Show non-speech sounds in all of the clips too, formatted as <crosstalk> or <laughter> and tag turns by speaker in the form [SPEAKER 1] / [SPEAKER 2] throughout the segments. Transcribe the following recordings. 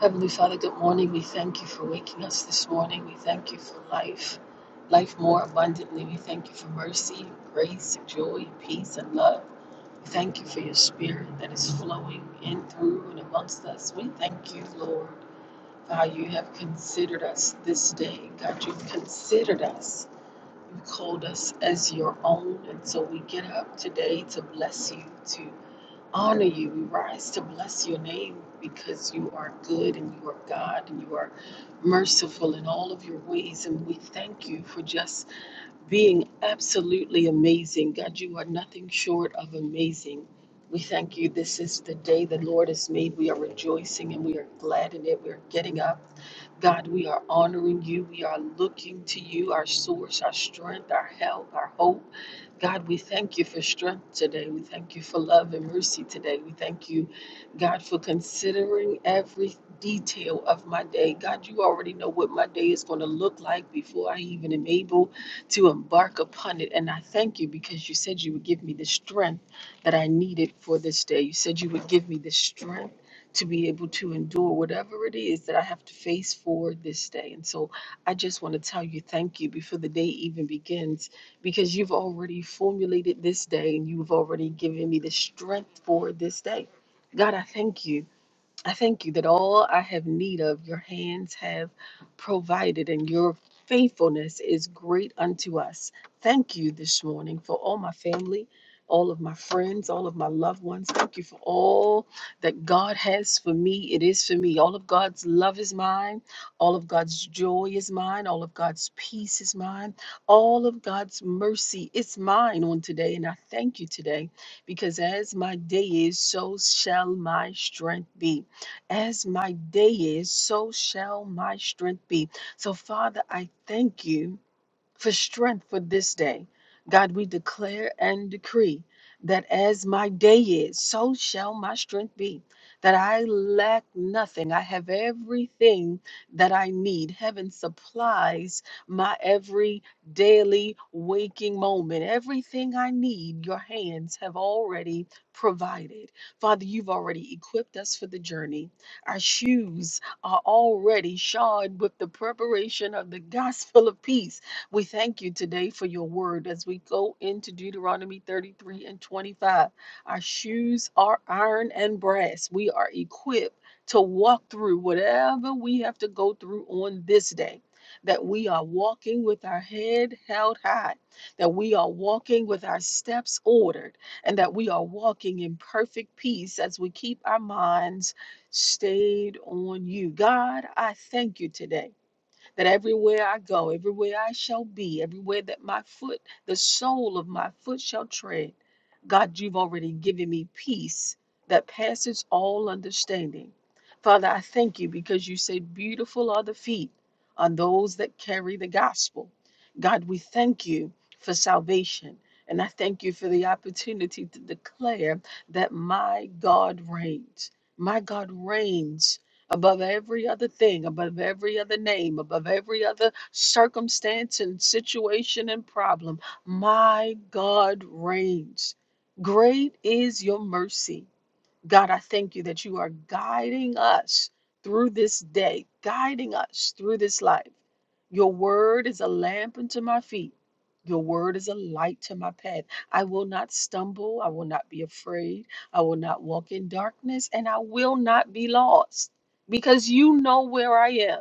[SPEAKER 1] Heavenly Father, good morning. We thank you for waking us this morning. We thank you for life, life more abundantly. We thank you for mercy, grace, joy, peace, and love. We thank you for your spirit that is flowing in, through, and amongst us. We thank you, Lord, for how you have considered us this day. God, you've considered us. You called us as your own. And so we get up today to bless you, to honor you. We rise to bless your name because you are good and you are God and you are merciful in all of your ways. And we thank you for just being absolutely amazing. God, you are nothing short of amazing. We thank you. This is the day the Lord has made. We are rejoicing and we are glad in it. We are getting up. God, we are honoring you. We are looking to you, our source, our strength, our help, our hope. God, we thank you for strength today. We thank you for love and mercy today. We thank you, God, for considering every detail of my day. God, you already know what my day is going to look like before I even am able to embark upon it. And I thank you because you said you would give me the strength that I needed for this day. You said you would give me the strength to be able to endure whatever it is that I have to face for this day. And so I just want to tell you thank you before the day even begins because you've already formulated this day and you've already given me the strength for this day. God, I thank you. I thank you that all I have need of your hands have provided, and your faithfulness is great unto us. Thank you this morning for all my family, all of my friends, all of my loved ones. Thank you for all that God has for me. It is for me. All of God's love is mine. All of God's joy is mine. All of God's peace is mine. All of God's mercy is mine on today. And I thank you today because as my day is, so shall my strength be. As my day is, so shall my strength be. So, Father, I thank you for strength for this day. God, we declare and decree that as my day is, so shall my strength be. That I lack nothing. I have everything that I need. Heaven supplies my every daily waking moment. Everything I need, your hands have already provided. Father, you've already equipped us for the journey. Our shoes are already shod with the preparation of the gospel of peace. We thank you today for your word as we go into Deuteronomy 33 and 25. Our shoes are iron and brass. We are equipped to walk through whatever we have to go through on this day. That we are walking with our head held high, that we are walking with our steps ordered, and that we are walking in perfect peace as we keep our minds stayed on you. God, I thank you today that everywhere I go, everywhere I shall be, everywhere that my foot, the sole of my foot shall tread, God, you've already given me peace that passes all understanding. Father, I thank you because you said, Beautiful are the feet on those that carry the gospel. God, we thank you for salvation. And I thank you for the opportunity to declare that my God reigns. My God reigns above every other thing, above every other name, above every other circumstance and situation and problem. My God reigns. Great is your mercy. God, I thank you that you are guiding us through this day, guiding us through this life. Your word is a lamp unto my feet. Your word is a light to my path. I will not stumble. I will not be afraid. I will not walk in darkness, and I will not be lost because you know where I am.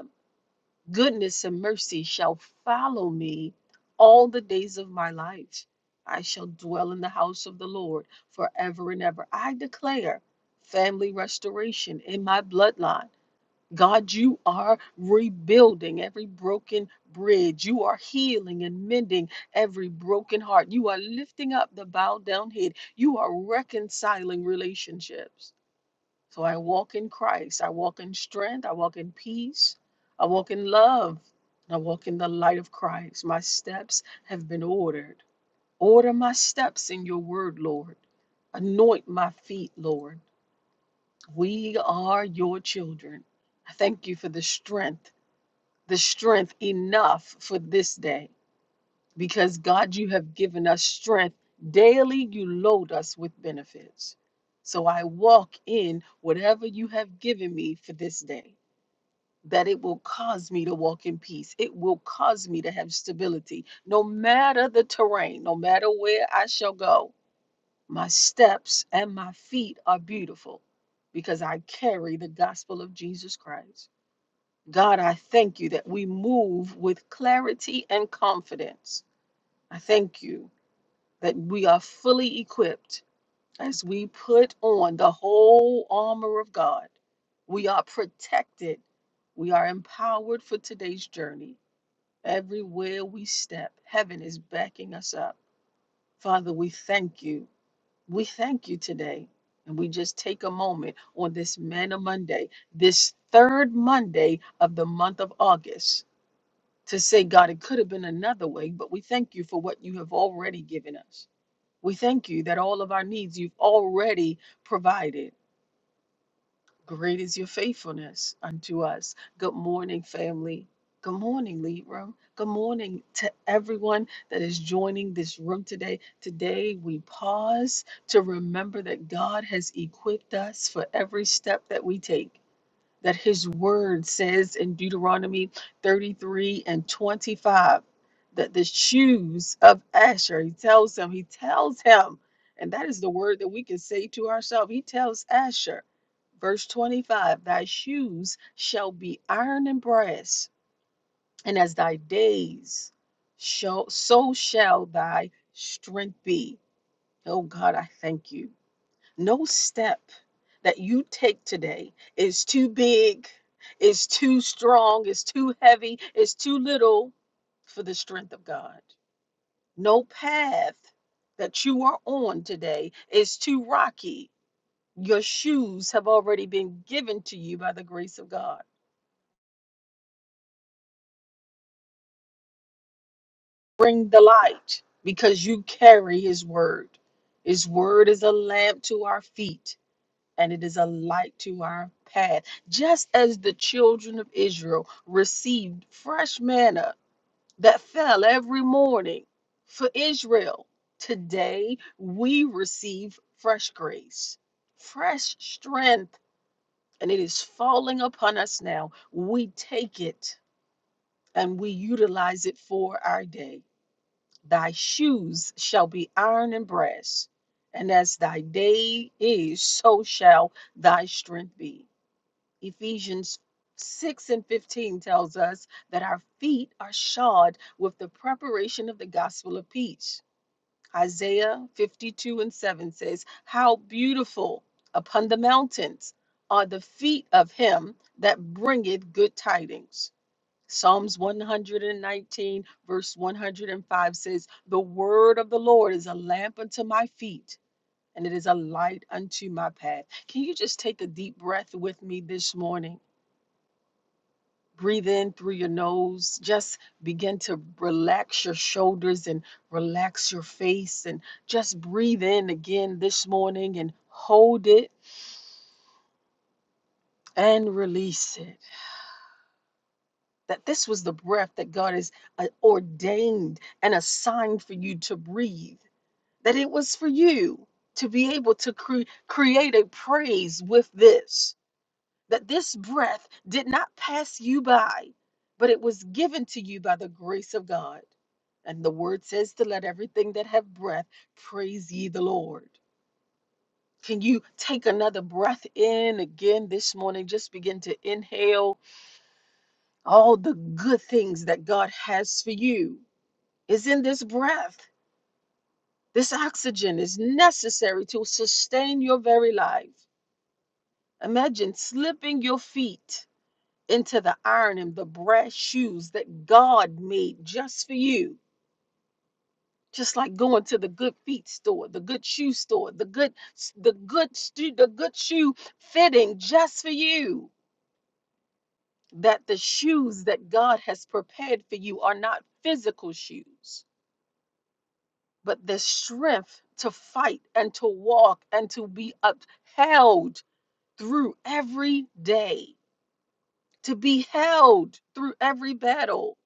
[SPEAKER 1] Goodness and mercy shall follow me all the days of my life. I shall dwell in the house of the Lord forever and ever. I declare family restoration in my bloodline. God, you are rebuilding every broken bridge. You are healing and mending every broken heart. You are lifting up the bowed down head. You are reconciling relationships. So I walk in Christ. I walk in strength. I walk in peace. I walk in love. And I walk in the light of Christ. My steps have been ordered. Order my steps in your word, Lord. Anoint my feet, Lord. We are your children. I thank you for the strength, the strength enough for this day because God, you have given us strength. Daily, you load us with benefits. So I walk in whatever you have given me for this day, that it will cause me to walk in peace. It will cause me to have stability, no matter the terrain, no matter where I shall go. My steps and my feet are beautiful because I carry the gospel of Jesus Christ. God, I thank you that we move with clarity and confidence. I thank you that we are fully equipped as we put on the whole armor of God. We are protected. We are empowered for today's journey. Everywhere we step, heaven is backing us up. Father, we thank you. We thank you today. And we just take a moment on this Manna Monday, this third Monday of the month of August, to say, God, it could have been another way, but we thank you for what you have already given us. We thank you that all of our needs you've already provided. Great is your faithfulness unto us. Good morning, family. Good morning, Lead Room. Good morning to everyone that is joining this room today. Today, we pause to remember that God has equipped us for every step that we take that his word says in Deuteronomy 33 and 25 that the shoes of Asher, he tells him, he tells him, and that is the word that we can say to ourselves. He tells Asher, verse 25, thy shoes shall be iron and brass, and as thy days shall, so shall thy strength be. Oh God, I thank you. No step that you take today is too big, is too strong, is too heavy, is too little for the strength of God. No path that you are on today is too rocky. Your shoes have already been given to you by the grace of God. Bring the light because you carry His word. His word is a lamp to our feet and it is a light to our path. Just as the children of Israel received fresh manna that fell every morning for Israel, today we receive fresh grace, fresh strength, and it is falling upon us now. We take it and we utilize it for our day. Thy shoes shall be iron and brass, and as thy day is, so shall thy strength be Ephesians 6 and 15 tells us that our feet are shod with the preparation of the gospel of peace. Isaiah 52 and 7 says, How beautiful upon the mountains are the feet of him that bringeth good tidings. Psalms 119, verse 105 says, The word of the Lord is a lamp unto my feet, and it is a light unto my path. Can you just take a deep breath with me this morning? breathe in through your nose. Just begin to relax your shoulders and relax your face and just breathe in again this morning and hold it and release it. That this was the breath that God has uh, ordained and assigned for you to breathe, that it was for you to be able to cre- create a praise with this. that this breath did not pass you by, but it was given to you by the grace of God. And the word says to let everything that have breath praise ye the Lord. Can you take another breath in again this morning? Just begin to inhale all the good things that God has for you. Is in this breath. This oxygen is necessary to sustain your very life. Imagine slipping your feet into the iron and the brass shoes that God made just for you. Just like going to the good feet store, the good shoe store, the good the good stu- the good shoe fitting just for you. That the shoes that God has prepared for you are not physical shoes, but the strength to fight and to walk and to be upheld through every day, to be held through every battle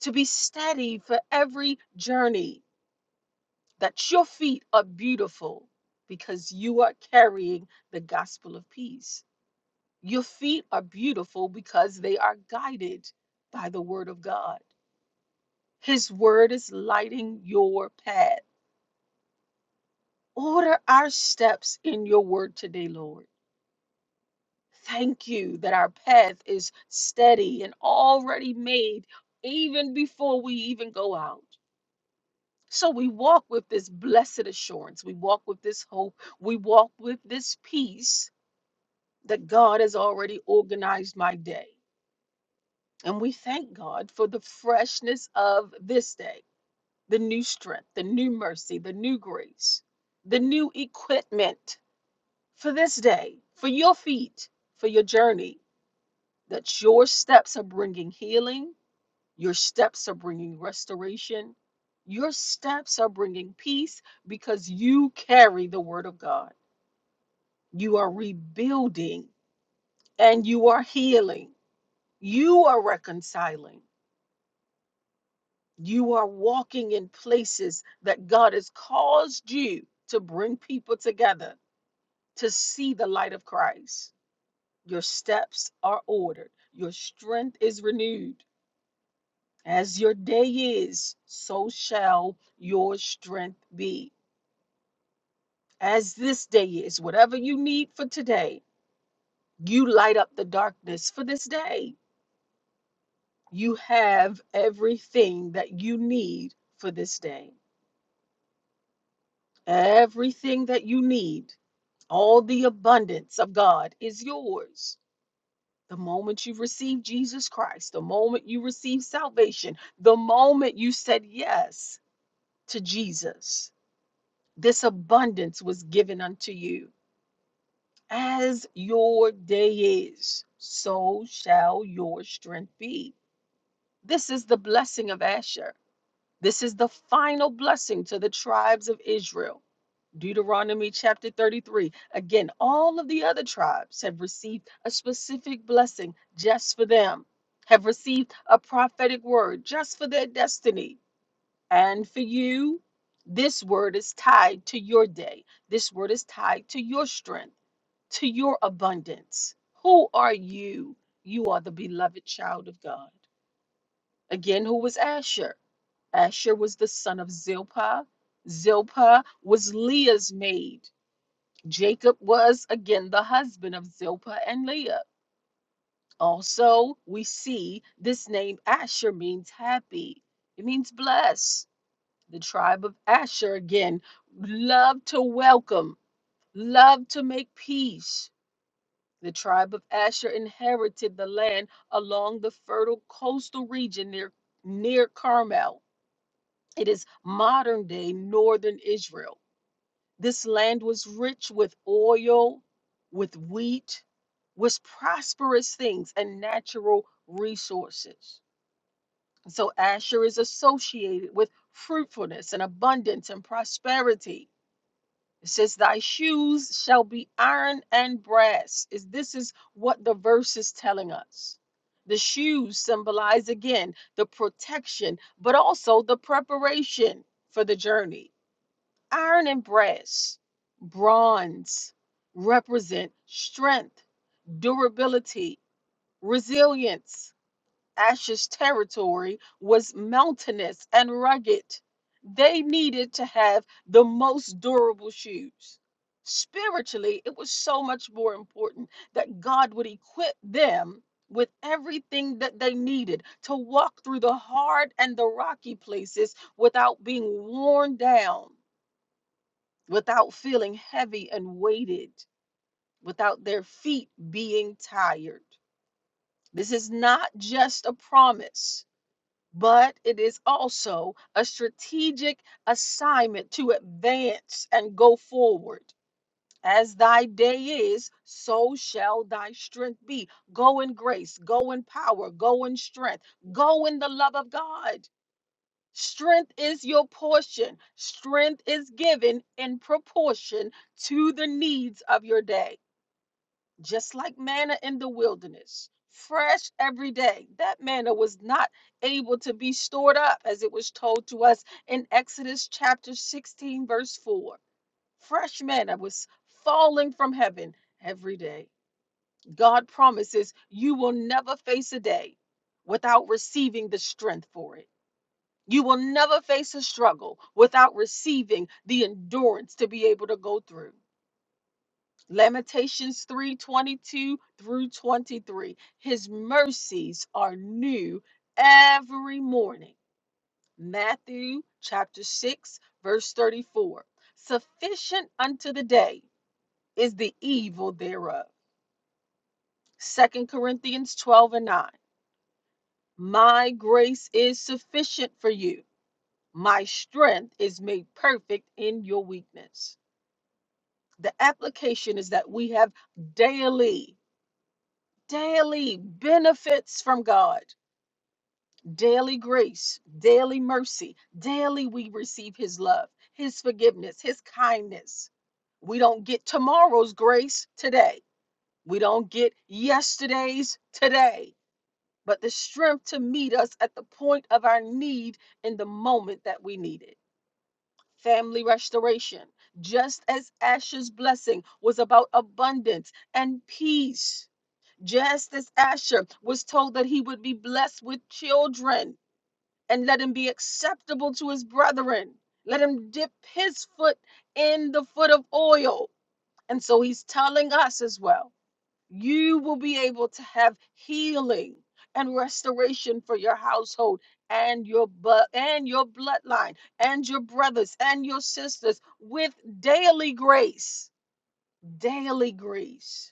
[SPEAKER 1] to be steady for every journey, that your feet are beautiful because you are carrying the gospel of peace. Your feet are beautiful because they are guided by the word of God. His word is lighting your path. Order our steps in your word today, Lord. Thank you that our path is steady and already made even before we even go out. So we walk with this blessed assurance. We walk with this hope. We walk with this peace that God has already organized my day. And we thank God for the freshness of this day, the new strength, the new mercy, the new grace, the new equipment for this day, for your feet, for your journey, that your steps are bringing healing Your steps are bringing restoration. Your steps are bringing peace because you carry the word of God. You are rebuilding and you are healing. You are reconciling. You are walking in places that God has caused you to bring people together to see the light of Christ. Your steps are ordered. Your strength is renewed. As your day is, so shall your strength be. as this day is, whatever you need for today, you light up the darkness for this day. You have everything that you need for this day. Everything that you need, all the abundance of God is yours. The moment you receive Jesus Christ, the moment you receive salvation, the moment you said yes to Jesus, this abundance was given unto you. As your day is, so shall your strength be. This is the blessing of Asher. This is the final blessing to the tribes of Israel. Deuteronomy chapter 33. Again, all of the other tribes have received a specific blessing just for them, have received a prophetic word just for their destiny. And for you, this word is tied to your day. This word is tied to your strength to your abundance. Who are you? You are the beloved child of God. Again, who was Asher? Asher was the son of Zilpah. Zilpah was Leah's maid. Jacob was again the husband of Zilpah and Leah. Also, we see this name Asher means happy, it means blessed. The tribe of Asher again loved to welcome, loved to make peace The tribe of Asher inherited the land along the fertile coastal region near, near Carmel. It is modern day northern Israel. This land was rich with oil, with wheat, with prosperous things and natural resources. So Asher is associated with fruitfulness and abundance and prosperity. It says, Thy shoes shall be iron and brass. Is this is what the verse is telling us. The shoes symbolize again the protection, but also the preparation for the journey. Iron and brass, bronze represent strength, durability, resilience. Asher's territory was mountainous and rugged. They needed to have the most durable shoes. Spiritually, it was so much more important that God would equip them with everything that they needed to walk through the hard and the rocky places without being worn down, without feeling heavy and weighted, without their feet being tired. This is not just a promise but it is also a strategic assignment to advance and go forward. As thy day is, so shall thy strength be. Go in grace, go in power, go in strength, go in the love of God. Strength is your portion. Strength is given in proportion to the needs of your day just like manna in the wilderness, fresh every day. That manna was not able to be stored up as it was told to us in Exodus chapter 16, verse 4. Fresh manna was falling from heaven every day. God promises you will never face a day without receiving the strength for it. You will never face a struggle without receiving the endurance to be able to go through. Lamentations 3 22 through 23. His mercies are new every morning. Matthew chapter 6, verse 34. Sufficient unto the day is the evil thereof. Second Corinthians 12 and 9. My grace is sufficient for you. My strength is made perfect in your weakness. The application is that we have daily daily benefits from God, daily grace, daily mercy. Daily we receive His love, His forgiveness, His kindness. We don't get tomorrow's grace today. We don't get yesterday's today, but the strength to meet us at the point of our need in the moment that we need it. Family restoration, just as Asher's blessing was about abundance and peace just as Asher was told that he would be blessed with children and let him be acceptable to his brethren, let him dip his foot in the foot of oil. And so he's telling us as well you will be able to have healing and restoration for your household and your bu- and your bloodline and your brothers and your sisters with daily grace daily grace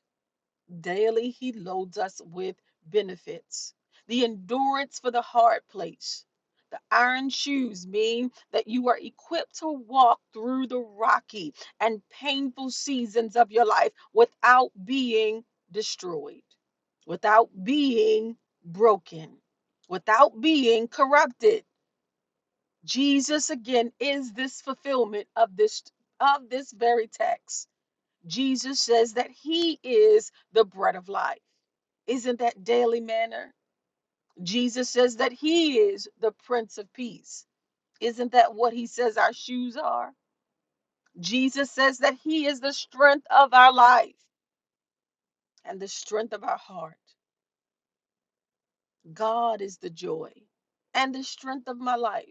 [SPEAKER 1] Daily he loads us with benefits. The endurance for the hard place. The iron shoes mean that you are equipped to walk through the rocky and painful seasons of your life without being destroyed, without being broken, without being corrupted. Jesus again is this fulfillment of this of this very text. Jesus says that he is the bread of life. Isn't that daily manner? Jesus says that he is the Prince of Peace. Isn't that what he says our shoes are? Jesus says that he is the strength of our life and the strength of our heart. God is the joy and the strength of my life.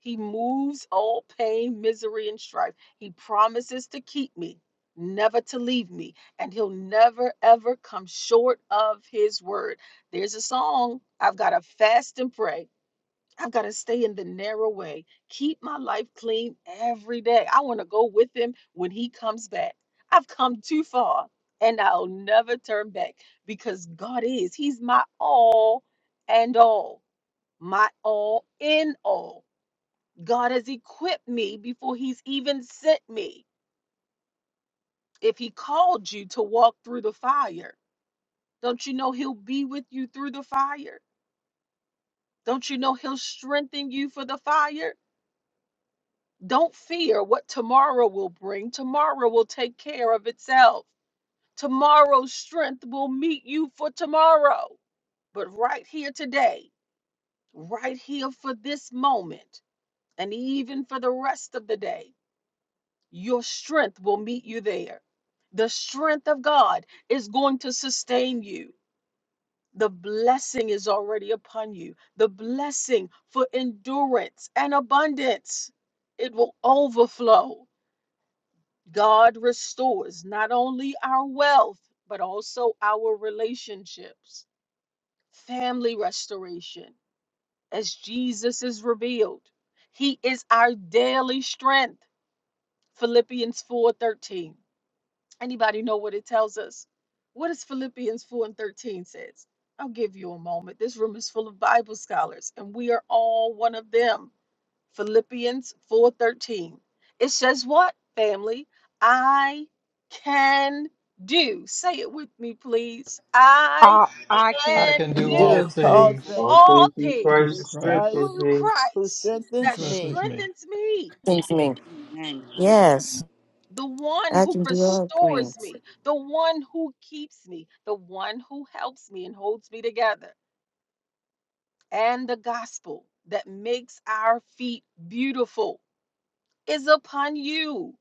[SPEAKER 1] He moves all pain, misery, and strife. He promises to keep me, never to leave me, and He'll never, ever come short of His word. There's a song, I've got to fast and pray. I got to stay in the narrow way. Keep my life clean every day. I want to go with him when he comes back. I've come too far and I'll never turn back because God is. He's my all and all, my all in all. God has equipped me before he's even sent me. If he called you to walk through the fire, don't you know he'll be with you through the fire? Don't you know he'll strengthen you for the fire? Don't fear what tomorrow will bring. Tomorrow will take care of itself. Tomorrow's strength will meet you for tomorrow. But right here today, right here for this moment, and even for the rest of the day, your strength will meet you there. The strength of God is going to sustain you. The blessing is already upon you. The blessing for endurance and abundance. It will overflow God restores not only our wealth, but also our relationships, family restoration, as Jesus is revealed. He is our daily strength. Philippians 4:13. Anybody know what it tells us? What does Philippians 4 and 13 says? I'll give you a moment. This room is full of Bible scholars, and we are all one of them. Philippians 4:13. It says what, family? I can do. Say it with me, please. I
[SPEAKER 2] Uh, I
[SPEAKER 3] I
[SPEAKER 2] can.
[SPEAKER 1] can
[SPEAKER 3] can do
[SPEAKER 1] do
[SPEAKER 3] all
[SPEAKER 4] Do all
[SPEAKER 2] Shalom,
[SPEAKER 3] things
[SPEAKER 5] All
[SPEAKER 4] things
[SPEAKER 6] hospital
[SPEAKER 1] all
[SPEAKER 5] things through
[SPEAKER 6] open to
[SPEAKER 3] through
[SPEAKER 5] Christ who
[SPEAKER 4] through
[SPEAKER 1] things
[SPEAKER 3] Christ
[SPEAKER 5] strengthens
[SPEAKER 4] Christ
[SPEAKER 1] through
[SPEAKER 5] me.
[SPEAKER 4] who
[SPEAKER 1] Christ
[SPEAKER 3] who
[SPEAKER 1] that
[SPEAKER 4] strengthens me.
[SPEAKER 3] strengthens me.
[SPEAKER 1] strengthens me.
[SPEAKER 7] Seems to me.
[SPEAKER 6] Amen. Hallelujah.
[SPEAKER 7] Yes,
[SPEAKER 1] The one
[SPEAKER 7] I
[SPEAKER 1] who
[SPEAKER 7] can do all
[SPEAKER 1] restores
[SPEAKER 7] things.
[SPEAKER 1] me, the one who keeps me, the one who helps me and holds me together. And the gospel that makes our feet beautiful is upon you.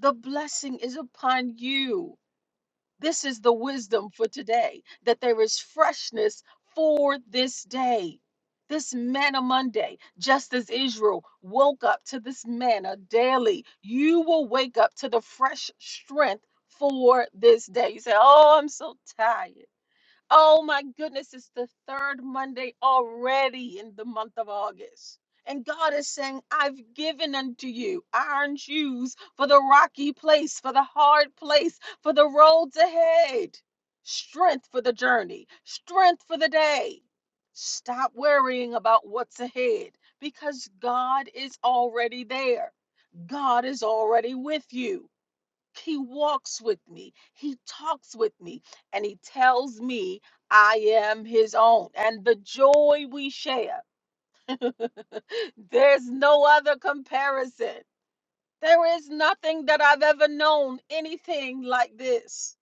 [SPEAKER 1] The blessing is upon you. This is the wisdom for today that there is freshness for this day. This manna Monday, just as Israel woke up to this manna daily, you will wake up to the fresh strength for this day. You say, Oh, I'm so tired. Oh my goodness, it's the third Monday already in the month of August. And God is saying, I've given unto you iron shoes for the rocky place, for the hard place, for the roads ahead, strength for the journey, strength for the day. Stop worrying about what's ahead because God is already there. God is already with you. He walks with me, he talks with me, and he tells me I am his own. And the joy we share, there's no other comparison. There is nothing that I've ever known anything like this.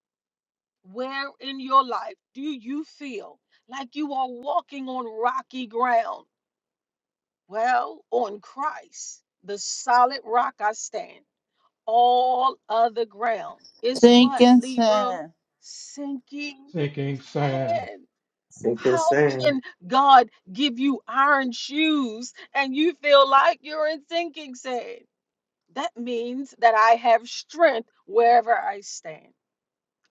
[SPEAKER 1] Where in your life do you feel like you are walking on rocky ground? Well, on Christ, the solid rock I stand. All other ground is
[SPEAKER 4] Sink
[SPEAKER 1] what,
[SPEAKER 4] and
[SPEAKER 1] Libram?
[SPEAKER 4] sand.
[SPEAKER 1] Sinking
[SPEAKER 3] Sinking sand.
[SPEAKER 1] Man,
[SPEAKER 5] Sink and
[SPEAKER 1] how
[SPEAKER 5] sing.
[SPEAKER 1] can God give you iron shoes and you feel like you're in sinking sand? That means that I have strength wherever I stand.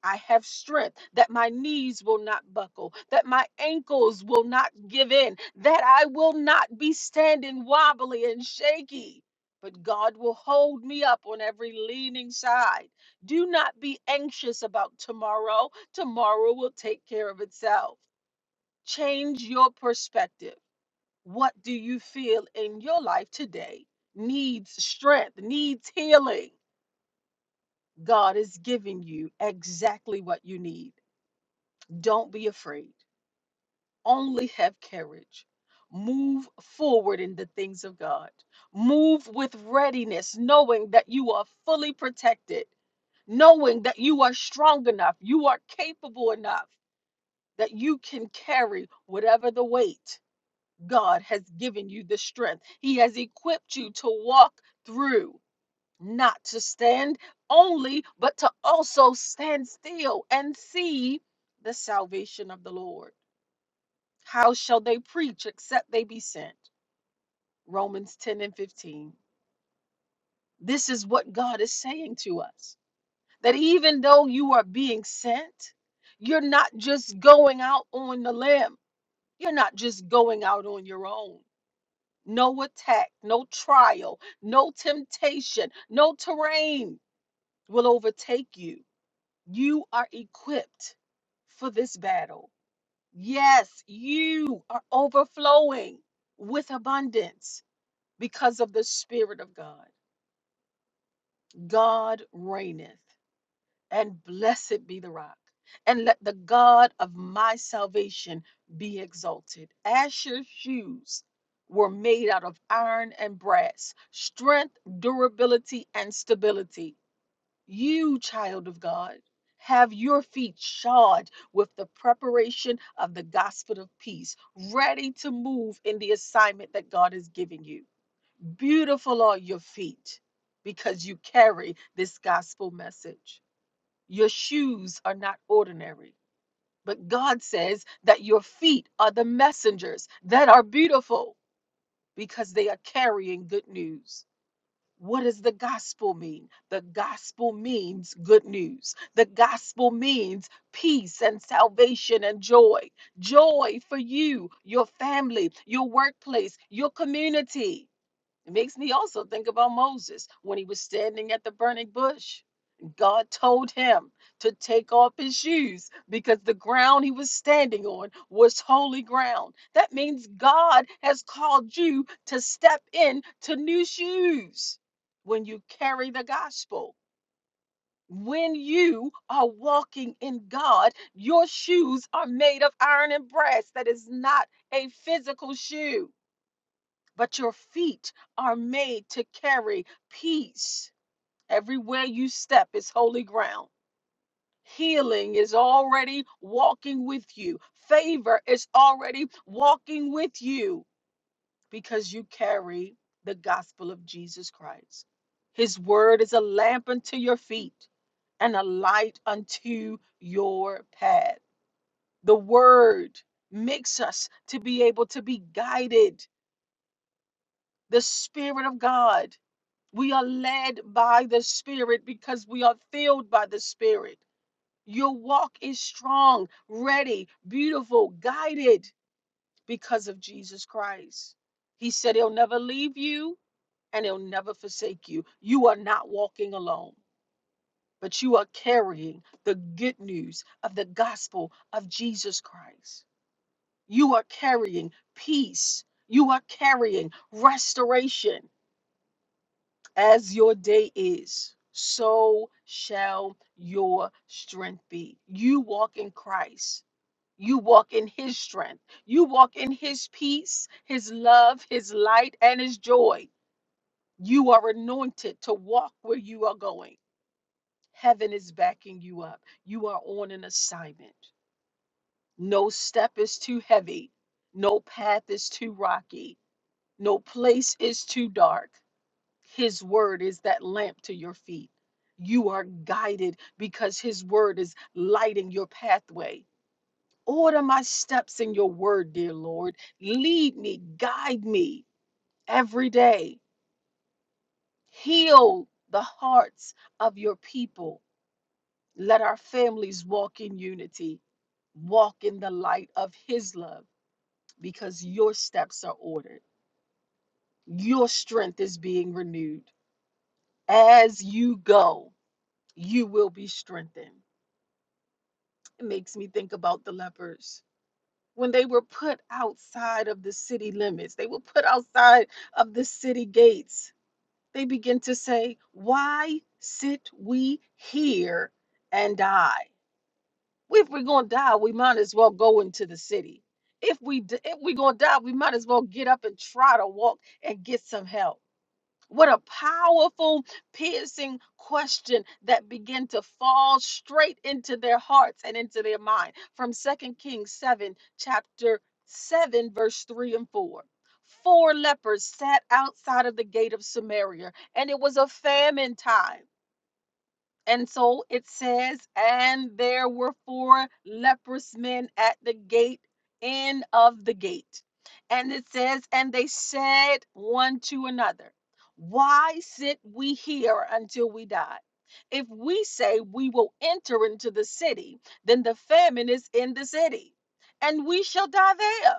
[SPEAKER 1] I have strength that my knees will not buckle, that my ankles will not give in, that I will not be standing wobbly and shaky. But God will hold me up on every leaning side. Do not be anxious about tomorrow. Tomorrow will take care of itself change your perspective. What do you feel in your life today needs strength, needs healing? God is giving you exactly what you need. Don't be afraid, only have courage. Move forward in the things of God. Move with readiness, knowing that you are fully protected, knowing that you are strong enough, you are capable enough, that you can carry whatever the weight God has given you the strength. He has equipped you to walk through, not to stand only, but to also stand still and see the salvation of the Lord. How shall they preach except they be sent? Romans 10 and 15. This is what God is saying to us that even though you are being sent, you're not just going out on the limb, you're not just going out on your own No attack, no trial, no temptation, no terrain will overtake you. You are equipped for this battle. Yes, you are overflowing with abundance because of the Spirit of God. God reigneth. and blessed be the rock. And let the God of my salvation be exalted. Asher's shoes were made out of iron and brass, strength, durability, and stability. You, child of God, have your feet shod with the preparation of the gospel of peace, ready to move in the assignment that God has given you. Beautiful are your feet because you carry this gospel message. Your shoes are not ordinary, but God says that your feet are the messengers that are beautiful because they are carrying good news. What does the gospel mean? The gospel means good news. The gospel means peace and salvation and joy. Joy for you, your family, your workplace, your community it makes me also think about Moses when he was standing at the burning bush. God told him to take off his shoes because the ground he was standing on was holy ground. That means God has called you to step in to new shoes when you carry the gospel. When you are walking in God, your shoes are made of iron and brass. That is not a physical shoe but your feet are made to carry peace. Everywhere you step is holy ground. Healing is already walking with you, favor is already walking with you because you carry the gospel of Jesus Christ. His word is a lamp unto your feet and a light unto your path. The word makes us to be able to be guided. The Spirit of God We are led by the Spirit because we are filled by the Spirit. Your walk is strong, ready, beautiful, guided because of Jesus Christ. He said he'll never leave you and he'll never forsake you. You are not walking alone, but you are carrying the good news of the gospel of Jesus Christ. You are carrying peace. You are carrying restoration. As your day is, so shall your strength be. You walk in Christ. You walk in his strength. You walk in his peace, his love, his light, and his joy. You are anointed to walk where you are going. Heaven is backing you up. You are on an assignment. No step is too heavy. No path is too rocky. No place is too dark. His word is that lamp to your feet. You are guided because His word is lighting your pathway. Order my steps in your word, dear Lord. Lead me, guide me every day. Heal the hearts of your people. Let our families walk in unity, walk in the light of His love because your steps are ordered. Your strength is being renewed. As you go, you will be strengthened It makes me think about the lepers. When they were put outside of the city limits, they were put outside of the city gates. They begin to say, Why sit we here and die? If we're going to die, we might as well go into the city. If, we, d- if we're going to die, we might as well get up and try to walk and get some help. What a powerful, piercing question that began to fall straight into their hearts and into their mind from Second Kings 7, chapter 7, verse 3 and 4. Four lepers sat outside of the gate of Samaria, and it was a famine time. And so it says, and there were four leprous men at the gate, end of the gate. And it says, and they said one to another, Why sit we here until we die? If we say we will enter into the city, then the famine is in the city, and we shall die there.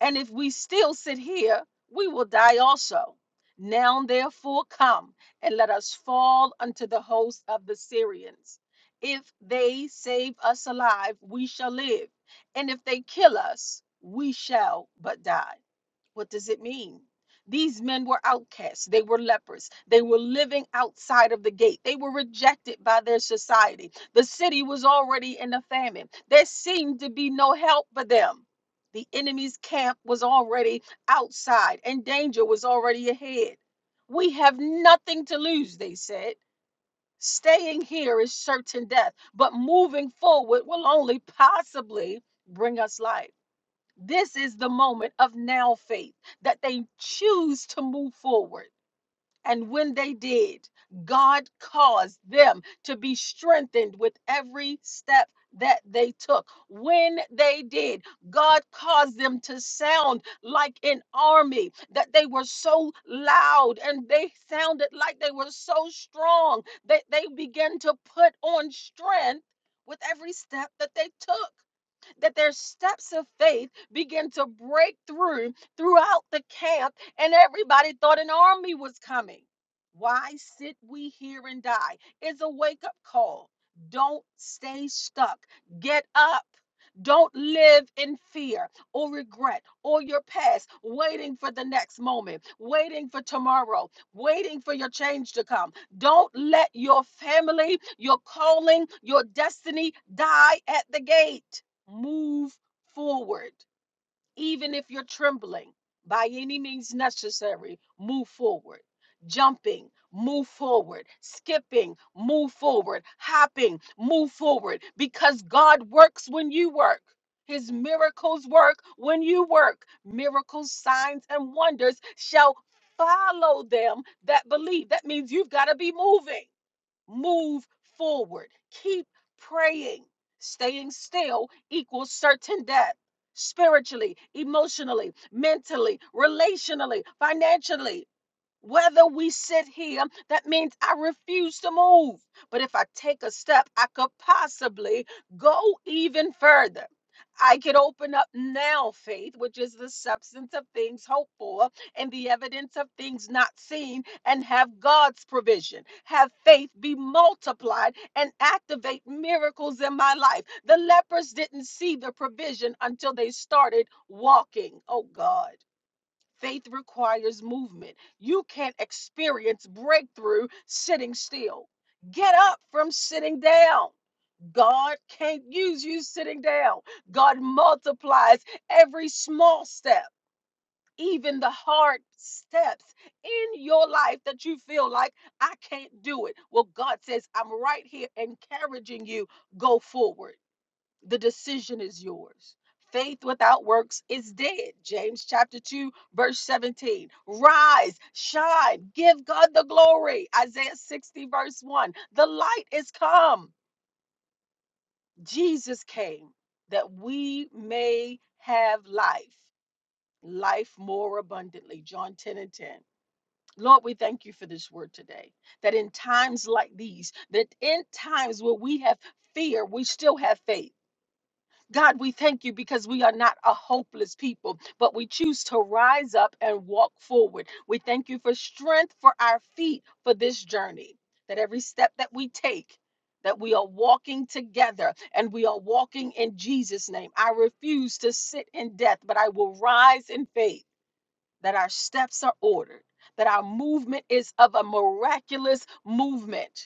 [SPEAKER 1] And if we still sit here, we will die also. Now therefore come and let us fall unto the host of the Syrians. If they save us alive, we shall live. And if they kill us, we shall but die. What does it mean? These men were outcasts. They were lepers. They were living outside of the gate. They were rejected by their society. The city was already in a famine. There seemed to be no help for them. The enemy's camp was already outside and danger was already ahead. We have nothing to lose, they said. Staying here is certain death, but moving forward will only possibly bring us life. This is the moment of now faith that they choose to move forward. And when they did, God caused them to be strengthened with every step that they took. When they did, God caused them to sound like an army, that they were so loud and they sounded like they were so strong that they began to put on strength with every step that they took that their steps of faith began to break through throughout the camp, and everybody thought an army was coming. Why sit we here and die? It's a wake up call. Don't stay stuck. Get up. Don't live in fear or regret or your past, waiting for the next moment, waiting for tomorrow, waiting for your change to come. Don't let your family, your calling, your destiny die at the gate. Move forward, even if you're trembling, by any means necessary, move forward. Jumping, move forward. Skipping, move forward. Hopping, move forward. Because God works when you work. His miracles work when you work. Miracles, signs, and wonders shall follow them that believe. That means you've got to be moving move forward. Keep praying. Staying still equals certain death spiritually, emotionally, mentally, relationally, financially. Whether we sit here, that means I refuse to move. But if I take a step, I could possibly go even further. I could open up now faith, which is the substance of things hoped for and the evidence of things not seen, and have God's provision. Have faith be multiplied and activate miracles in my life. The lepers didn't see the provision until they started walking. Oh God. Faith requires movement. You can't experience breakthrough sitting still. Get up from sitting down. God can't use you sitting down. God multiplies every small step, even the hard steps in your life that you feel like I can't do it. Well, God says, I'm right here encouraging you. Go forward. The decision is yours. Faith without works is dead. James chapter 2, verse 17. Rise, shine, give God the glory. Isaiah 60, verse 1. The light is come. Jesus came that we may have life, life more abundantly. John 10 and 10. Lord, we thank you for this word today. That in times like these, that in times where we have fear, we still have faith God, we thank you because we are not a hopeless people, but we choose to rise up and walk forward. We thank you for strength for our feet for this journey, that every step that we take, that we are walking together and we are walking in Jesus' name. I refuse to sit in death, but I will rise in faith that our steps are ordered, that our movement is of a miraculous movement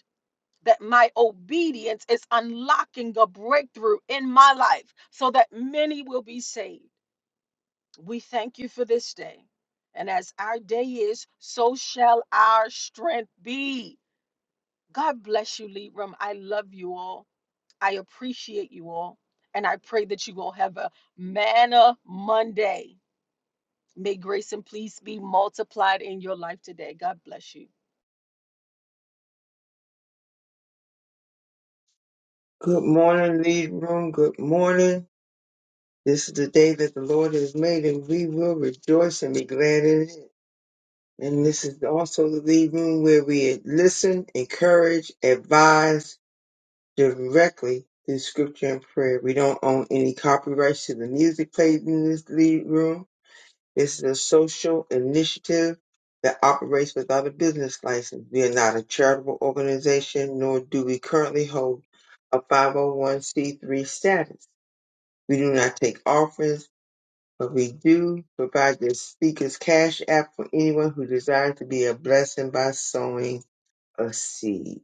[SPEAKER 1] that my obedience is unlocking a breakthrough in my life so that many will be saved. We thank you for this day. And as our day is, so shall our strength be. God bless you, Libram. I love you all. I appreciate you all. And I pray that you will have a manna Monday. May grace and peace be multiplied in your life today. God bless you.
[SPEAKER 5] Good morning, lead room. Good morning. This is the day that the Lord has made, and we will rejoice and be glad in it. And this is also the lead room where we listen, encourage, advise directly through scripture and prayer. We don't own any copyrights to the music played in this lead room. This is a social initiative that operates without a business license. We are not a charitable organization, nor do we currently hold a 501c3 status. We do not take offerings, but we do provide the speaker's cash app for anyone who desires to be a blessing by sowing a seed.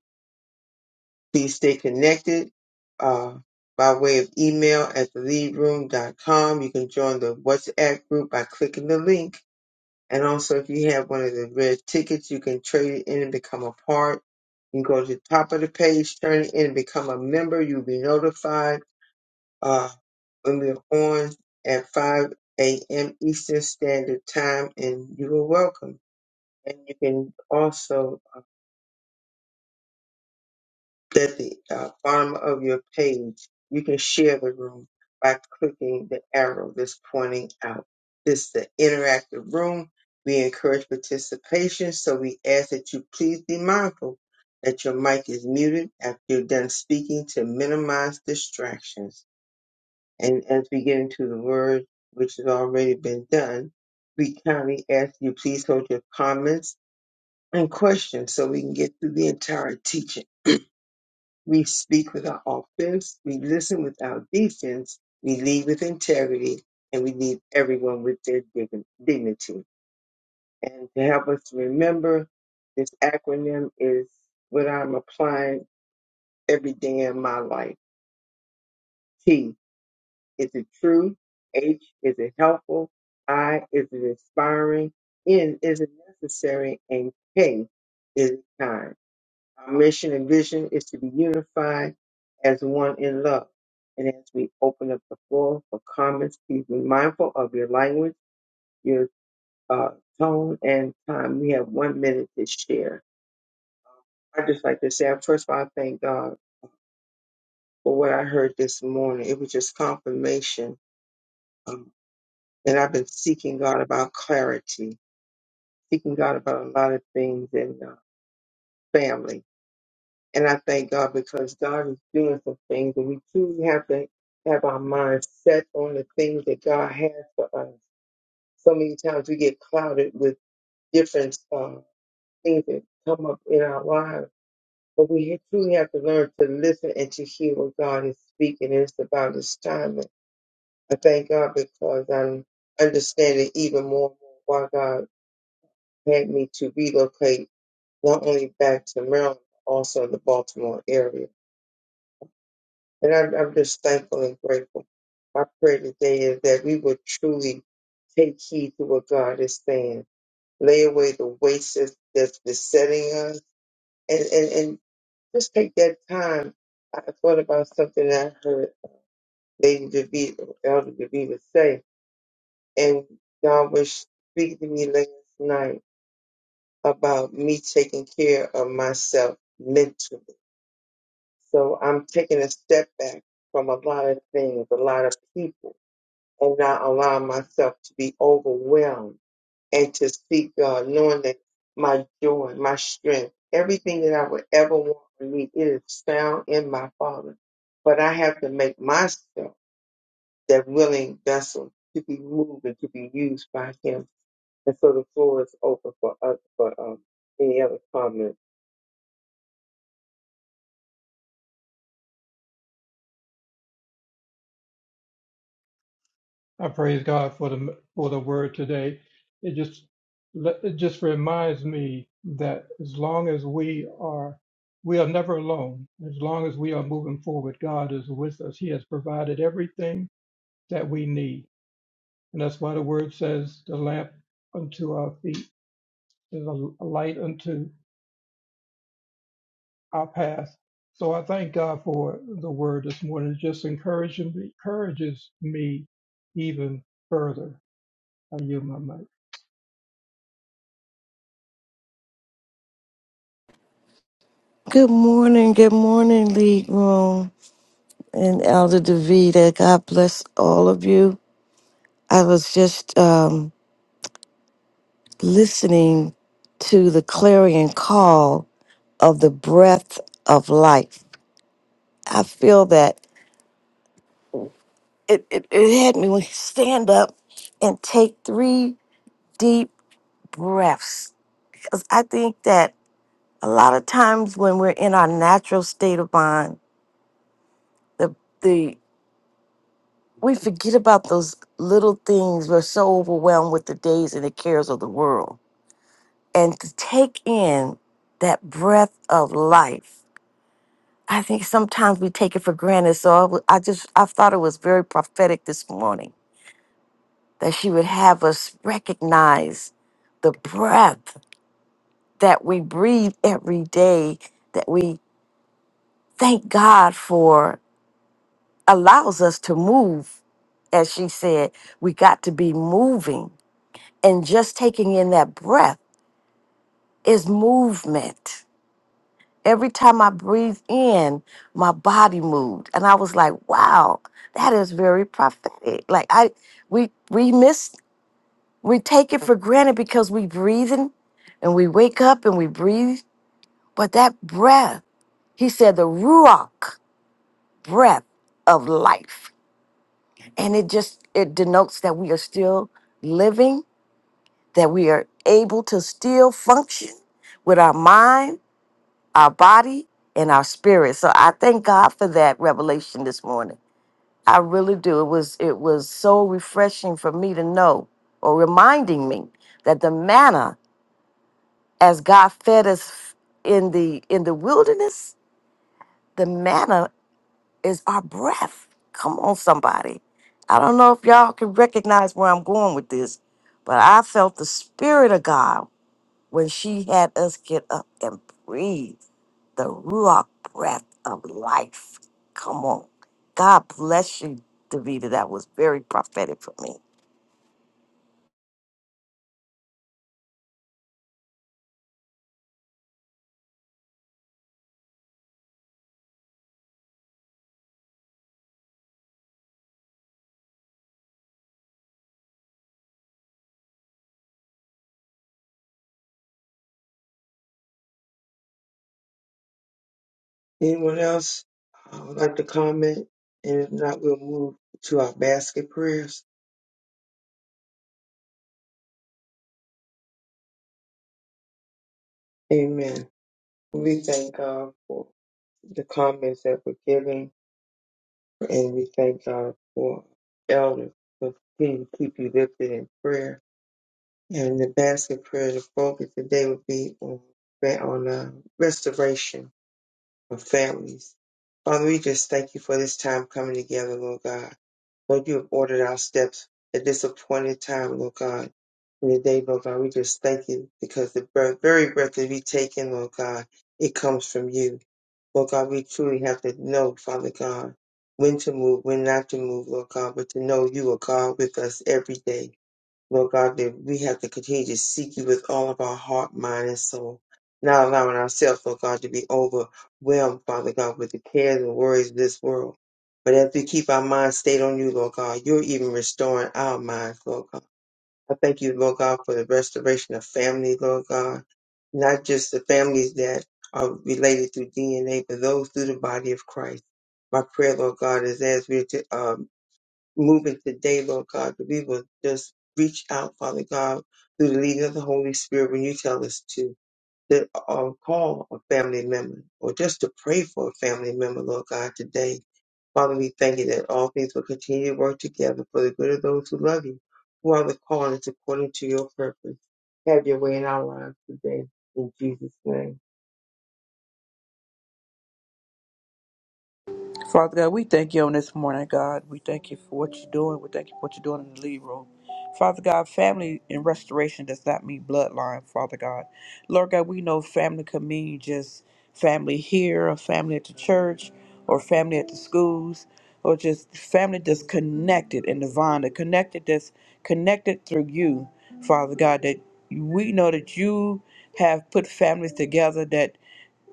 [SPEAKER 5] Please stay connected uh, by way of email at theleadroom.com. You can join the WhatsApp group by clicking the link and also, if you have one of the red tickets, you can trade it in and become a part. You go to the top of the page, turn it in, and become a member. You'll be notified uh, when we're on at 5 a.m. Eastern Standard Time, and you are welcome. And you can also uh, that the uh, bottom of your page, you can share the room by clicking the arrow that's pointing out. This is the interactive room. We encourage participation, so we ask that you please be mindful that your mic is muted after you're done speaking to minimize distractions. And as we get into the word, which has already been done, we kindly ask you please hold your comments and questions so we can get through the entire teaching. We speak with our offense, we listen with our defense, we lead with integrity, and we leave everyone with their dig- dignity. And to help us remember, this acronym is what I'm applying every day in my life. T is it true? H is it helpful? I is it inspiring? N is it necessary? And K is it kind. Our mission and vision is to be unified as one in love. And as we open up the floor for comments, please be mindful of your language, your uh, tone, and time. We have one minute to share. I just like to say, I- first of all, I thank God for what I heard this morning. It was just confirmation. Um, and I've been seeking God about clarity, seeking God about a lot of things and uh, family And I thank God because God is doing some things, and we truly have to have our minds set on the things that God has for us. So many times we get clouded with different uh, things that come up in our lives, but we ha- truly have to learn to listen and to hear what God is speaking. And it's about His timing. I thank God because I'm understanding even more why God had me to relocate not only back to Maryland, but also in the Baltimore area And I'm, I'm just thankful and grateful. My prayer today is that we would truly take heed to what God is saying, lay away the waste that's that's besetting us, and, and, and just take that time. I thought about something that I heard Lady DeVita, Elder DeVita say, and God was speaking to me last night about me taking care of myself mentally. So I'm taking a step back from a lot of things, a lot of people and not allow myself to be overwhelmed and to seek God, knowing that my joy, my strength, everything that I would ever want or need, it is found in my Father. But I have to make myself that willing vessel to be moved and to be used by Him. And so the floor is open for us for um, any other comments.
[SPEAKER 3] I praise God for the for the word today. It just it just reminds me that as long as we are we are never alone. As long as we are moving forward, God is with us. He has provided everything that we need, and that's why the word says, "The lamp unto our feet is a light unto." I'll pass. So I thank God for the word this morning. It just encouraging encourages me even further. I yield my mic.
[SPEAKER 7] Good morning, good morning, League Room and Elder Davida. God bless all of you. I was just um, listening to the clarion call of the breath of life. I feel that it, it, it had me <laughs> when you stand up and take three deep breaths. Because I think that a lot of times when we're in our natural state of mind, the we forget about those little things. We're so overwhelmed with the days and the cares of the world. And to take in that breath of life, I think sometimes we take it for granted. So I, w- I just, I thought it was very prophetic this morning that she would have us recognize the breath that we breathe every day, that we thank God for allows us to move. As she said, we got to be moving And just taking in that breath is movement. Every time I breathe in, my body moved. And I was like, wow, that is very prophetic. Like I we we miss we take it for granted because we breathing and we wake up and we breathe. But that breath, he said the ruach breath of life. And it just it denotes that we are still living, that we are able to still function with our mind our body and our spirit. So I thank God for that revelation this morning. I really do. It was it was so refreshing for me to know or reminding me that the manna as God fed us in the in the wilderness, the manna is our breath. Come on somebody. I don't know if y'all can recognize where I'm going with this, but I felt the spirit of God when she had us get up and breathe. the ruach breath of life. Come on. God bless you, Davida. That was very prophetic for me.
[SPEAKER 5] Anyone else uh, would like to comment? And if not, we'll move to our basket prayers. Amen. We thank God for the comments that were given, and we thank God for elders for continue to keep you lifted in prayer. And the basket prayer, the focus today would be on on uh, restoration of families. Father, we just thank you for this time coming together, Lord God. Lord, you have ordered our steps at this appointed time, Lord God. And today, Lord God, we just thank you because the breath, very breath that we take in, Lord God, it comes from you. Lord God, we truly have to know, Father God, when to move, when not to move, Lord God, but to know you are God with us every day. Lord God, that we have to continue to seek you with all of our heart, mind, and soul, not allowing ourselves, Lord God, to be overwhelmed, Father God, with the cares and worries of this world. But as we keep our minds stayed on you, Lord God, you're even restoring our minds, Lord God. I thank you, Lord God, for the restoration of family, Lord God not just the families that are related through DNA, but those through the body of Christ. My prayer, Lord God, is as we're to, um, moving today, Lord God, that we will just reach out, Father God, through the leading of the Holy Spirit when you tell us to. That uh, call a family member, or just to pray for a family member, Lord God, today Father, we thank you that all things will continue to work together for the good of those who love you, who are the called according to your purpose. Have your way in our lives today, in Jesus' name.
[SPEAKER 8] Father God, we thank you on this morning, God. We thank you for what you're doing. We thank you for what you're doing in the lead room. Father God, family and restoration does not mean bloodline, Father God. Lord God, we know family can mean just family here, or family at the church, or family at the schools, or just family that's connected in the vine, that connected that's connected through you, Father God, that we know that you have put families together that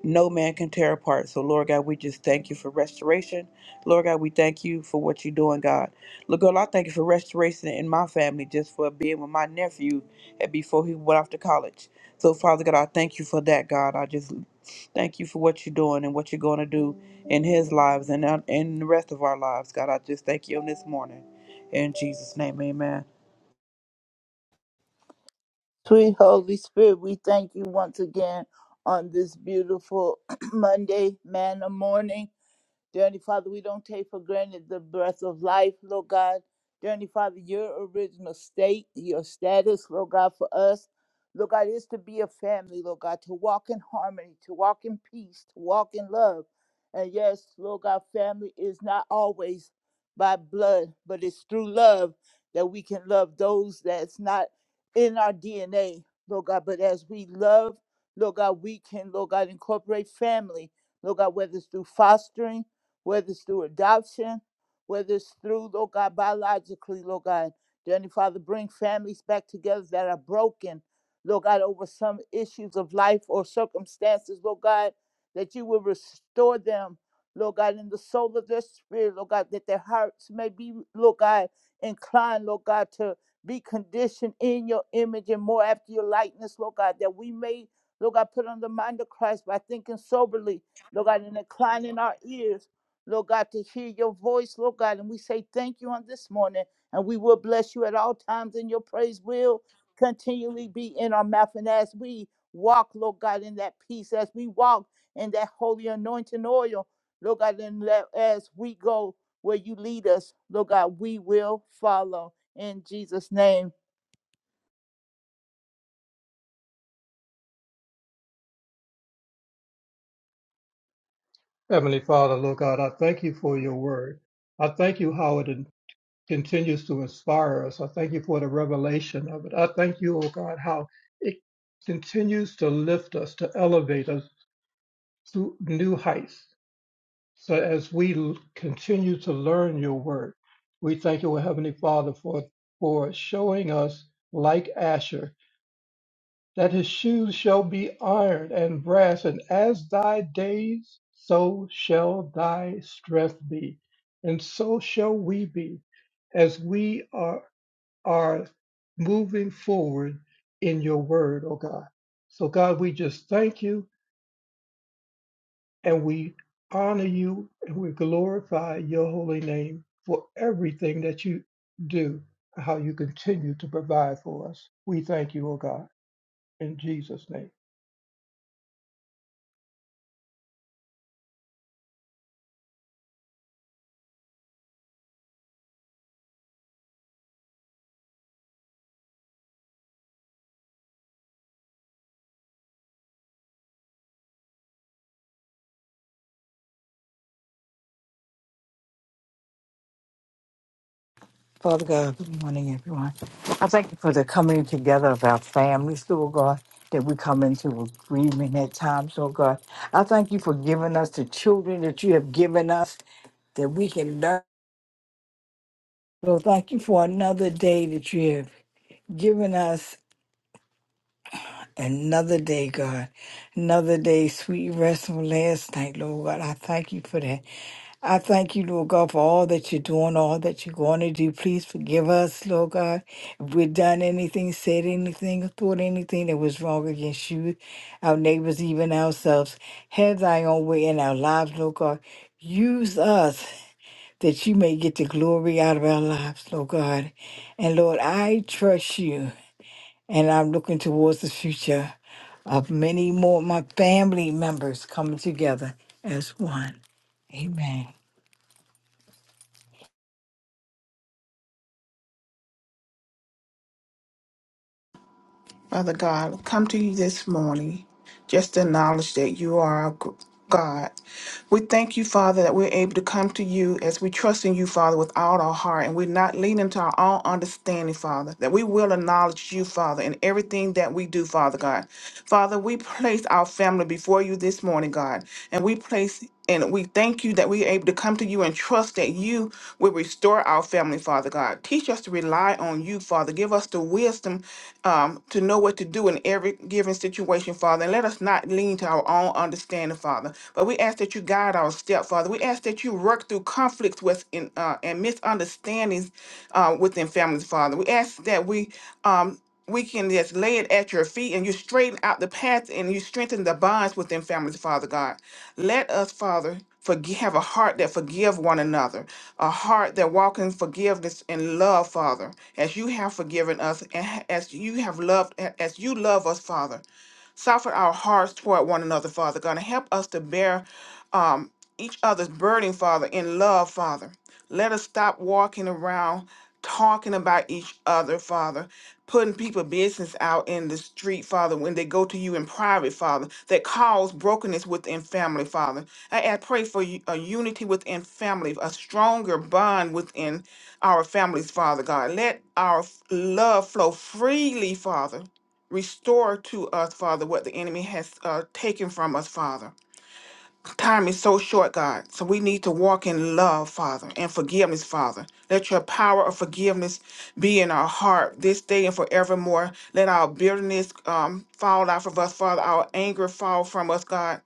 [SPEAKER 8] no man can tear apart. So, Lord God, we just thank you for restoration. Lord God, we thank you for what you're doing, God. Lord God, I thank you for restoration in my family just for being with my nephew and before he went off to college. So, Father God, I thank you for that, God. I just thank you for what you're doing and what you're going to do in his lives and uh, in the rest of our lives, God. I just thank you on this morning. In Jesus' name, amen.
[SPEAKER 4] Sweet Holy Spirit, we thank you once again on this beautiful <clears throat> Monday, manna morning. Dear Heavenly Father, we don't take for granted the breath of life, Lord God. Dear Heavenly Father, your original state, your status, Lord God, for us, Lord God, is to be a family, Lord God, to walk in harmony, to walk in peace, to walk in love. And yes, Lord God, family is not always by blood, but it's through love that we can love those that's not in our DNA, Lord God. But as we love, Lord God, we can, Lord God, incorporate family, Lord God, whether it's through fostering, whether it's through adoption, whether it's through, Lord God, biologically, Lord God. Dear Heavenly Father, bring families back together that are broken, Lord God, over some issues of life or circumstances, Lord God, that you will restore them, Lord God, in the soul of their spirit, Lord God, that their hearts may be, Lord God, inclined, Lord God, to be conditioned in your image and more after your likeness, Lord God, that we may, Lord God, put on the mind of Christ by thinking soberly, Lord God, and inclining our ears Lord God, to hear your voice, Lord God. And we say thank you on this morning. And we will bless you at all times, and your praise will continually be in our mouth. And as we walk, Lord God, in that peace, as we walk in that holy anointing oil, Lord God, and let, as we go where you lead us, Lord God, we will follow. In Jesus' name,
[SPEAKER 3] Heavenly Father, Lord God, I thank you for your word. I thank you how it in- continues to inspire us. I thank you for the revelation of it. I thank you, oh God, how it continues to lift us, to elevate us to new heights. So as we l- continue to learn your word, we thank you, O Heavenly Father, for, for showing us, like Asher, that his shoes shall be iron and brass, and as thy days, so shall thy strength be. And so shall we be as we are, are moving forward in your word, O God. So, God, we just thank you and we honor you and we glorify your holy name for everything that you do, how you continue to provide for us. We thank you, O God, in Jesus' name.
[SPEAKER 9] Father God, good morning, everyone. I thank you for the coming together of our families, Lord God, that we come into agreement at times, Lord God. I thank you for giving us the children that you have given us that we can learn. Lord, thank you for another day that you have given us. Another day, God. Another day, sweet rest from last night, Lord God. I thank you for that. I thank you, Lord God, for all that you're doing, all that you're going to do. Please forgive us, Lord God, if we've done anything, said anything, or thought anything that was wrong against you, our neighbors, even ourselves. Have thy own way in our lives, Lord God. Use us that you may get the glory out of our lives, Lord God. And Lord, I trust you, and I'm looking towards the future of many more of my family members coming together as one. Amen.
[SPEAKER 10] Father God, come to you this morning just to acknowledge that you are our g- God. We thank you, Father, that we're able to come to you as we trust in you, Father, with all our heart, and we're not leaning to our own understanding, Father, that we will acknowledge you, Father, in everything that we do, Father God. Father, we place our family before you this morning, God, and we place and we thank you that we are able to come to you and trust that you will restore our family, Father God. Teach us to rely on you, Father. Give us the wisdom um, to know what to do in every given situation, Father. And let us not lean to our own understanding, Father. But we ask that you guide our step, Father. We ask that you work through conflicts with in, uh, and misunderstandings uh, within families, Father. We ask that we. Um, we can just lay it at your feet and you straighten out the path and you strengthen the bonds within families, Father God. Let us, Father, forgive, have a heart that forgive one another, a heart that walk in forgiveness and love, Father, as you have forgiven us and ha- as you have loved, a- as you love us, Father. Soften our hearts toward one another, Father God, and help us to bear um, each other's burden, Father, in love, Father. Let us stop walking around talking about each other, Father, putting people business out in the street, Father, when they go to you in private, Father, that cause brokenness within family, Father. I, I pray for u- a unity within family, a stronger bond within our families, Father God. Let our f- love flow freely, Father, Restore to us, Father, what the enemy has uh, taken from us, Father. Time is so short, God. So we need to walk in love, Father, and forgiveness, Father. Let your power of forgiveness be in our heart this day and forevermore. Let our bitterness um, fall off of us, Father. Our anger fall from us, God.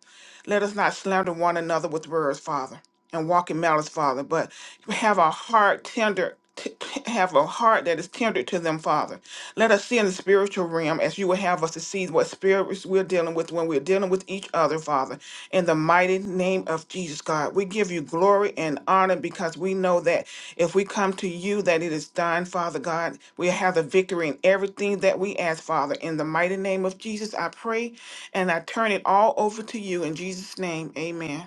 [SPEAKER 10] Let us not slander one another with words, Father, and walk in malice, Father. But have a heart tender. t- t- Have a heart that is tender to them, Father. Let us see in the spiritual realm as you would have us to see what spirits we're dealing with when we're dealing with each other, Father in the mighty mighty name of Jesus, God. We give you glory and honor because we know that if we come to you, that it is done, Father God. We have the victory in everything that we ask, Father. In the mighty name of Jesus, I pray and I turn it all over to you. In Jesus' name, amen.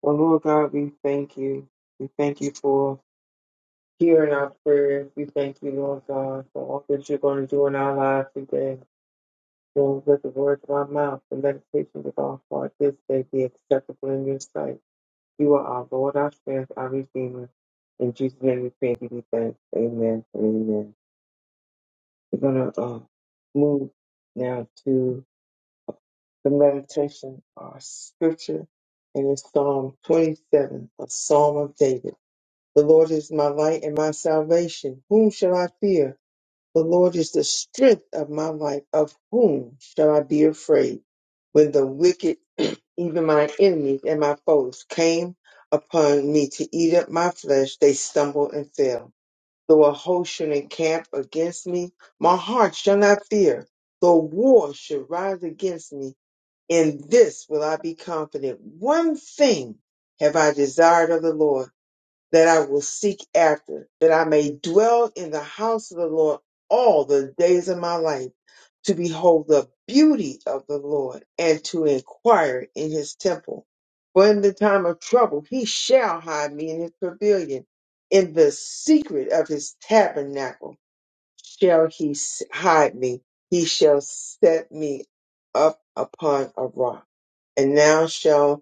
[SPEAKER 5] Well, Lord God, we thank you. We thank you for hearing our prayers. We thank you, Lord God, for all that you're going to do in our lives today. Lord, let the words of our mouth, the meditations of our heart this day be acceptable in your sight. You are our Lord, our strength, our Redeemer. In Jesus' name we pray and give thank. Amen and amen. We're going to uh, move now to the meditation, our scripture, and it's Psalm 27, a psalm of David. The Lord is my light and my salvation. Whom shall I fear? The Lord is the strength of my life. Of whom shall I be afraid? When the wicked, <clears throat> even my enemies and my foes, came upon me to eat up my flesh, they stumbled and fell. Though a host should encamp against me, my heart shall not fear. Though war should rise against me, in this will I be confident. One thing have I desired of the Lord that I will seek after, that I may dwell in the house of the Lord all the days of my life, to behold the beauty of the Lord and to inquire in his temple. For in the time of trouble he shall hide me in his pavilion. In the secret of his tabernacle shall he s- hide me. He shall set me up upon a rock. And now shall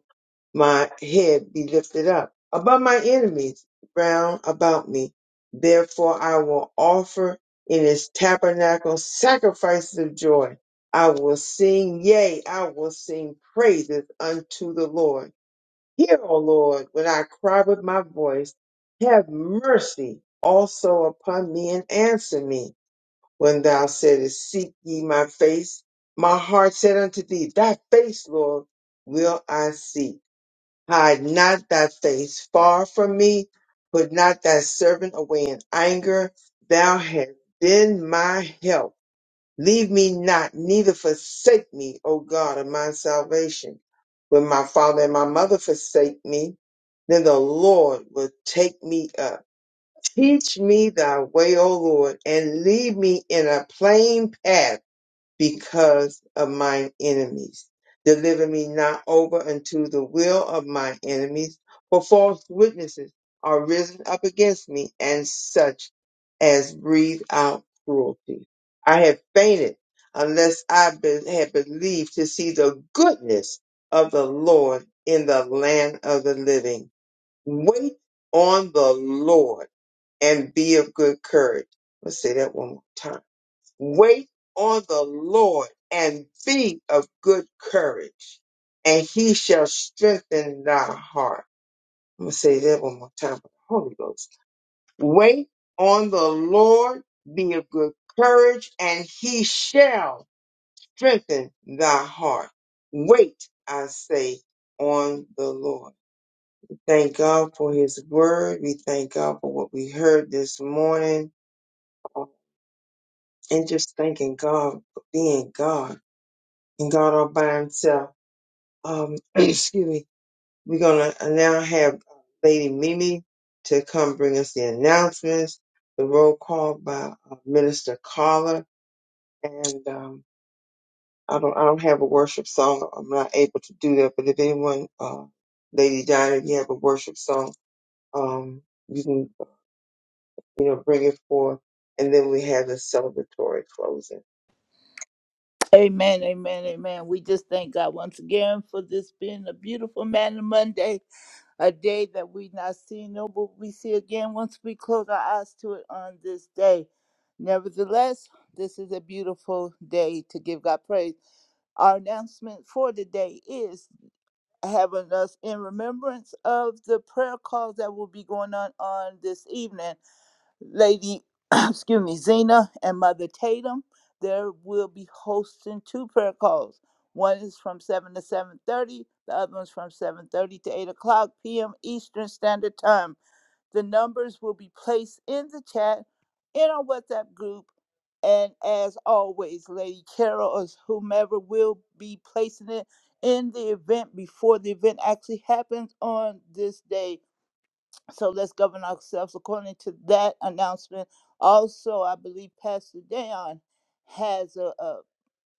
[SPEAKER 5] my head be lifted up above my enemies round about me. Therefore I will offer in his tabernacle sacrifices of joy. I will sing, yea, I will sing praises unto the Lord. Hear, O Lord, when I cry with my voice, have mercy also upon me and answer me. When thou saidest, Seek ye my face, my heart said unto thee, Thy face, Lord, will I seek Hide not thy face far from me, put not thy servant away in anger. Thou hast been my help. Leave me not, neither forsake me, O God of my salvation. When my father and my mother forsake me, then the Lord will take me up. Teach me thy way, O Lord, and lead me in a plain path because of mine enemies. Deliver me not over unto the will of my enemies, for false witnesses are risen up against me, and such as breathe out cruelty. I had fainted unless I be- had believed to see the goodness of the Lord in the land of the living. Wait on the Lord and be of good courage. Let's say that one more time Wait on the Lord and be of good courage, and he shall strengthen thy heart. I'm going to say that one more time with the Holy Ghost. Wait on the Lord, be of good courage, and he shall strengthen thy heart. Wait, I say, on the Lord. Thank God for his word. We thank God for what we heard this morning. And just thanking God for being God and God all by himself. Um, <clears throat> excuse me. We're gonna uh, now have uh, Lady Mimi to come bring us the announcements, the roll call by uh, Minister Carla, and um, I don't I don't have a worship song. I'm not able to do that. But if anyone, uh, Lady Diana, if you have a worship song, um, you can you know bring it forth, and then we have the celebratory closing.
[SPEAKER 4] amen, amen, amen. We just thank God once again for this being a beautiful man Monday. a day that we not see, nor will we see again once we close our eyes to it on this day. Nevertheless, this is a beautiful day to give God praise. Our announcement for the day is having us in remembrance of the prayer calls that will be going on on this evening. Lady, <clears throat> excuse me, Zena and Mother Tatum. There will be hosting two prayer calls. One is from seven to seven thirty. The other one's from seven thirty to eight o'clock p.m. Eastern Standard Time. The numbers will be placed in the chat in our WhatsApp group. And as always, Lady Carol or whomever will be placing it in the event before the event actually happens on this day so let's govern ourselves according to that announcement. Also, I believe Pastor Dayon has a, a,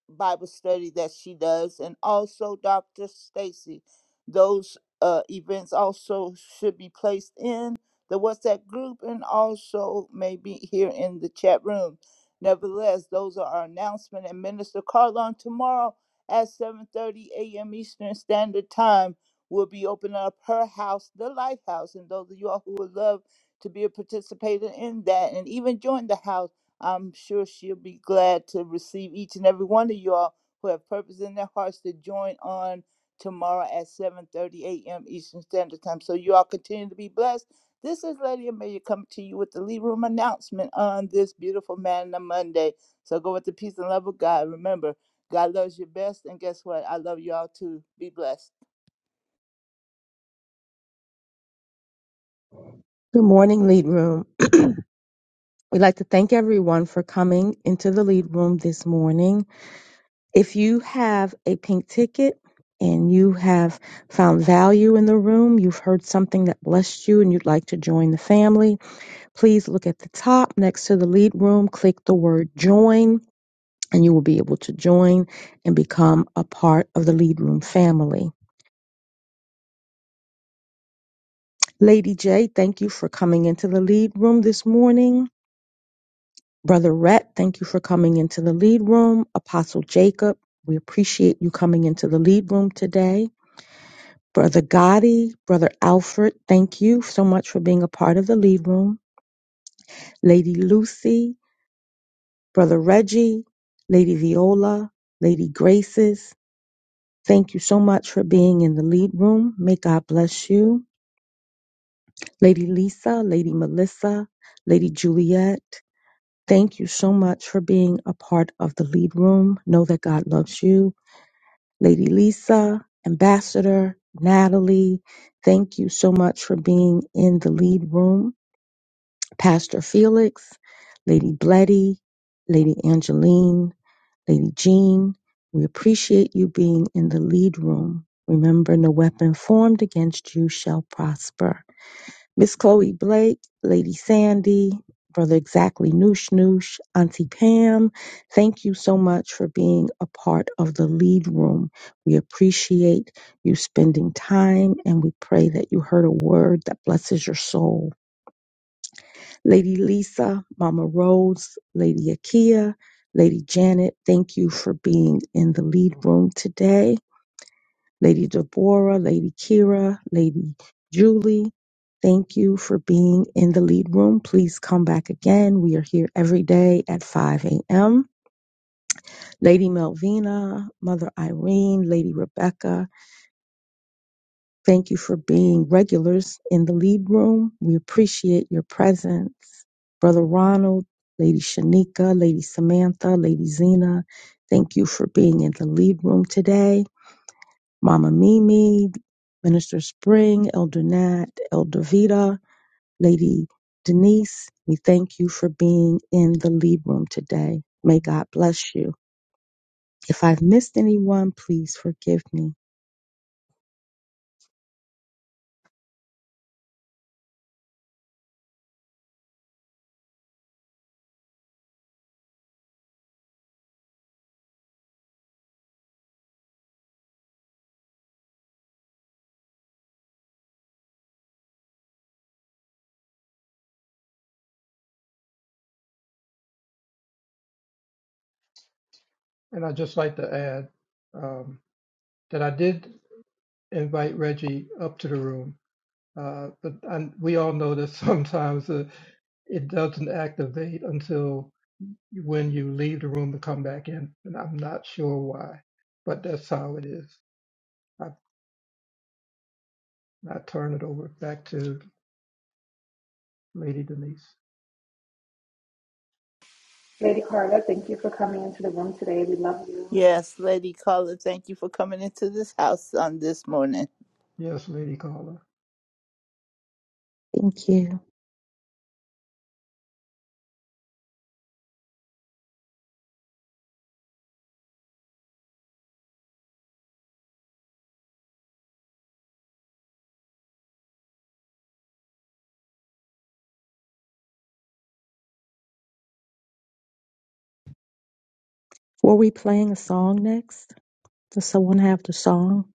[SPEAKER 4] Bible study that she does, and also Dr. Stacy. Those uh, events also should be placed in the WhatsApp group and also maybe here in the chat room. Nevertheless, those are our announcement. And Minister Carlon tomorrow at 7:30 a.m. Eastern Standard Time will be opening up her house, the Lighthouse, and those of you all who would love to be a participator in that and even join the house I'm sure she'll be glad to receive each and every one of y'all who have purpose in their hearts to join on tomorrow at 7:30 a.m. Eastern Standard Time. So you all continue to be blessed. This is Lady Amelia coming to you with the Lead Room announcement on this beautiful Man of Monday. So go with the peace and love of God. Remember, God loves you best, and guess what? I love y'all too. Be blessed.
[SPEAKER 11] Good morning, Lead Room. We'd like to thank everyone for coming into the Lead Room this morning. If you have a pink ticket and you have found value in the room, you've heard something that blessed you and you'd like to join the family, please look at the top next to the Lead Room, click the word join, and you will be able to join and become a part of the Lead Room family. Lady J, thank you for coming into the Lead Room this morning. Brother Rhett, thank you for coming into the lead room. Apostle Jacob, we appreciate you coming into the lead room today. Brother Gotti, Brother Alfred, thank you so much for being a part of the lead room. Lady Lucy, Brother Reggie, Lady Viola, Lady Graces, thank you so much for being in the lead room. May God bless you. Lady Lisa, Lady Melissa, Lady Juliet, thank you so much for being a part of the lead room. Know that God loves you Lady Lisa, Ambassador, Natalie, thank you so much for being in the lead room. Pastor Felix, Lady Bletty, Lady Angeline, Lady Jean, we appreciate you being in the lead room. Remember, no weapon formed against you shall prosper. Miss Chloe Blake, Lady Sandy, Brother Exactly Noosh Noosh, Auntie Pam, thank you so much for being a part of the lead room. We appreciate you spending time and we pray that you heard a word that blesses your soul. Lady Lisa, Mama Rose, Lady Akia, Lady Janet, thank you for being in the lead room today. Lady Deborah, Lady Kira, Lady Julie. Thank you for being in the lead room. Please come back again. We are here every day at 5 a.m. Lady Melvina, Mother Irene, Lady Rebecca, thank you for being regulars in the lead room. We appreciate your presence. Brother Ronald, Lady Shanika, Lady Samantha, Lady Zena, thank you for being in the lead room today. Mama Mimi, Minister Spring, Elder Nat, Elder Vita, Lady Denise, we thank you for being in the lead room today. May God bless you. If I've missed anyone, please forgive me.
[SPEAKER 3] And I'd just like to add um, that I did invite Reggie up to the room, uh, but I, we all know that <laughs> sometimes uh, it doesn't activate until when you leave the room to come back in, and I'm not sure why, but that's how it is. I turn it over back to Lady Denise.
[SPEAKER 12] Lady Carla, thank you for coming into the room today. We love you.
[SPEAKER 4] Yes, Lady Caller, thank you for coming into this house on this morning.
[SPEAKER 3] Yes, Lady Caller.
[SPEAKER 11] Thank you. Were we playing a song next? Does someone have the song?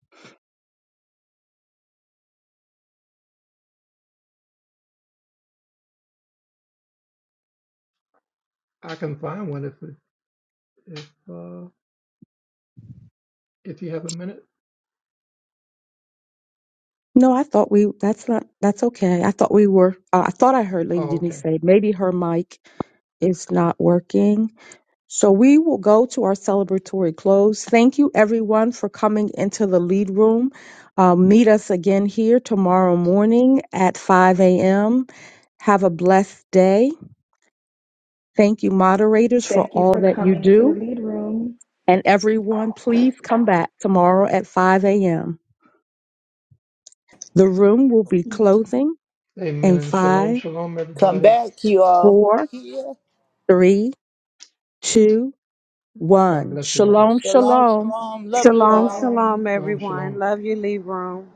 [SPEAKER 3] I can find one if it, if uh, if you have a minute.
[SPEAKER 11] No, I thought we, that's not, that's okay. I thought we were, uh, I thought I heard Lady
[SPEAKER 3] Oh,
[SPEAKER 11] Denise
[SPEAKER 3] okay.
[SPEAKER 11] say maybe her mic is not working. So we will go to our celebratory close. Thank you, everyone, for coming into the lead room. Uh, meet us again here tomorrow morning at 5 a.m. Have a blessed day. Thank you, moderators, for
[SPEAKER 12] Thank you
[SPEAKER 11] all
[SPEAKER 12] for
[SPEAKER 11] that you
[SPEAKER 12] coming into the
[SPEAKER 11] do.
[SPEAKER 12] lead room.
[SPEAKER 11] And everyone, please come back tomorrow at 5 a.m. The room will be closing in
[SPEAKER 3] Amen. Shalom,
[SPEAKER 11] five,
[SPEAKER 3] shalom,
[SPEAKER 4] Come
[SPEAKER 3] everybody.
[SPEAKER 4] back, you all.
[SPEAKER 11] four, three, two,
[SPEAKER 3] God
[SPEAKER 11] one.
[SPEAKER 3] bless you all.
[SPEAKER 11] Shalom,
[SPEAKER 4] Shalom,
[SPEAKER 11] shalom.
[SPEAKER 4] shalom. Love you all.
[SPEAKER 2] shalom,
[SPEAKER 12] Shalom.
[SPEAKER 3] Shalom, shalom.
[SPEAKER 2] everyone. Love you, Lee Room.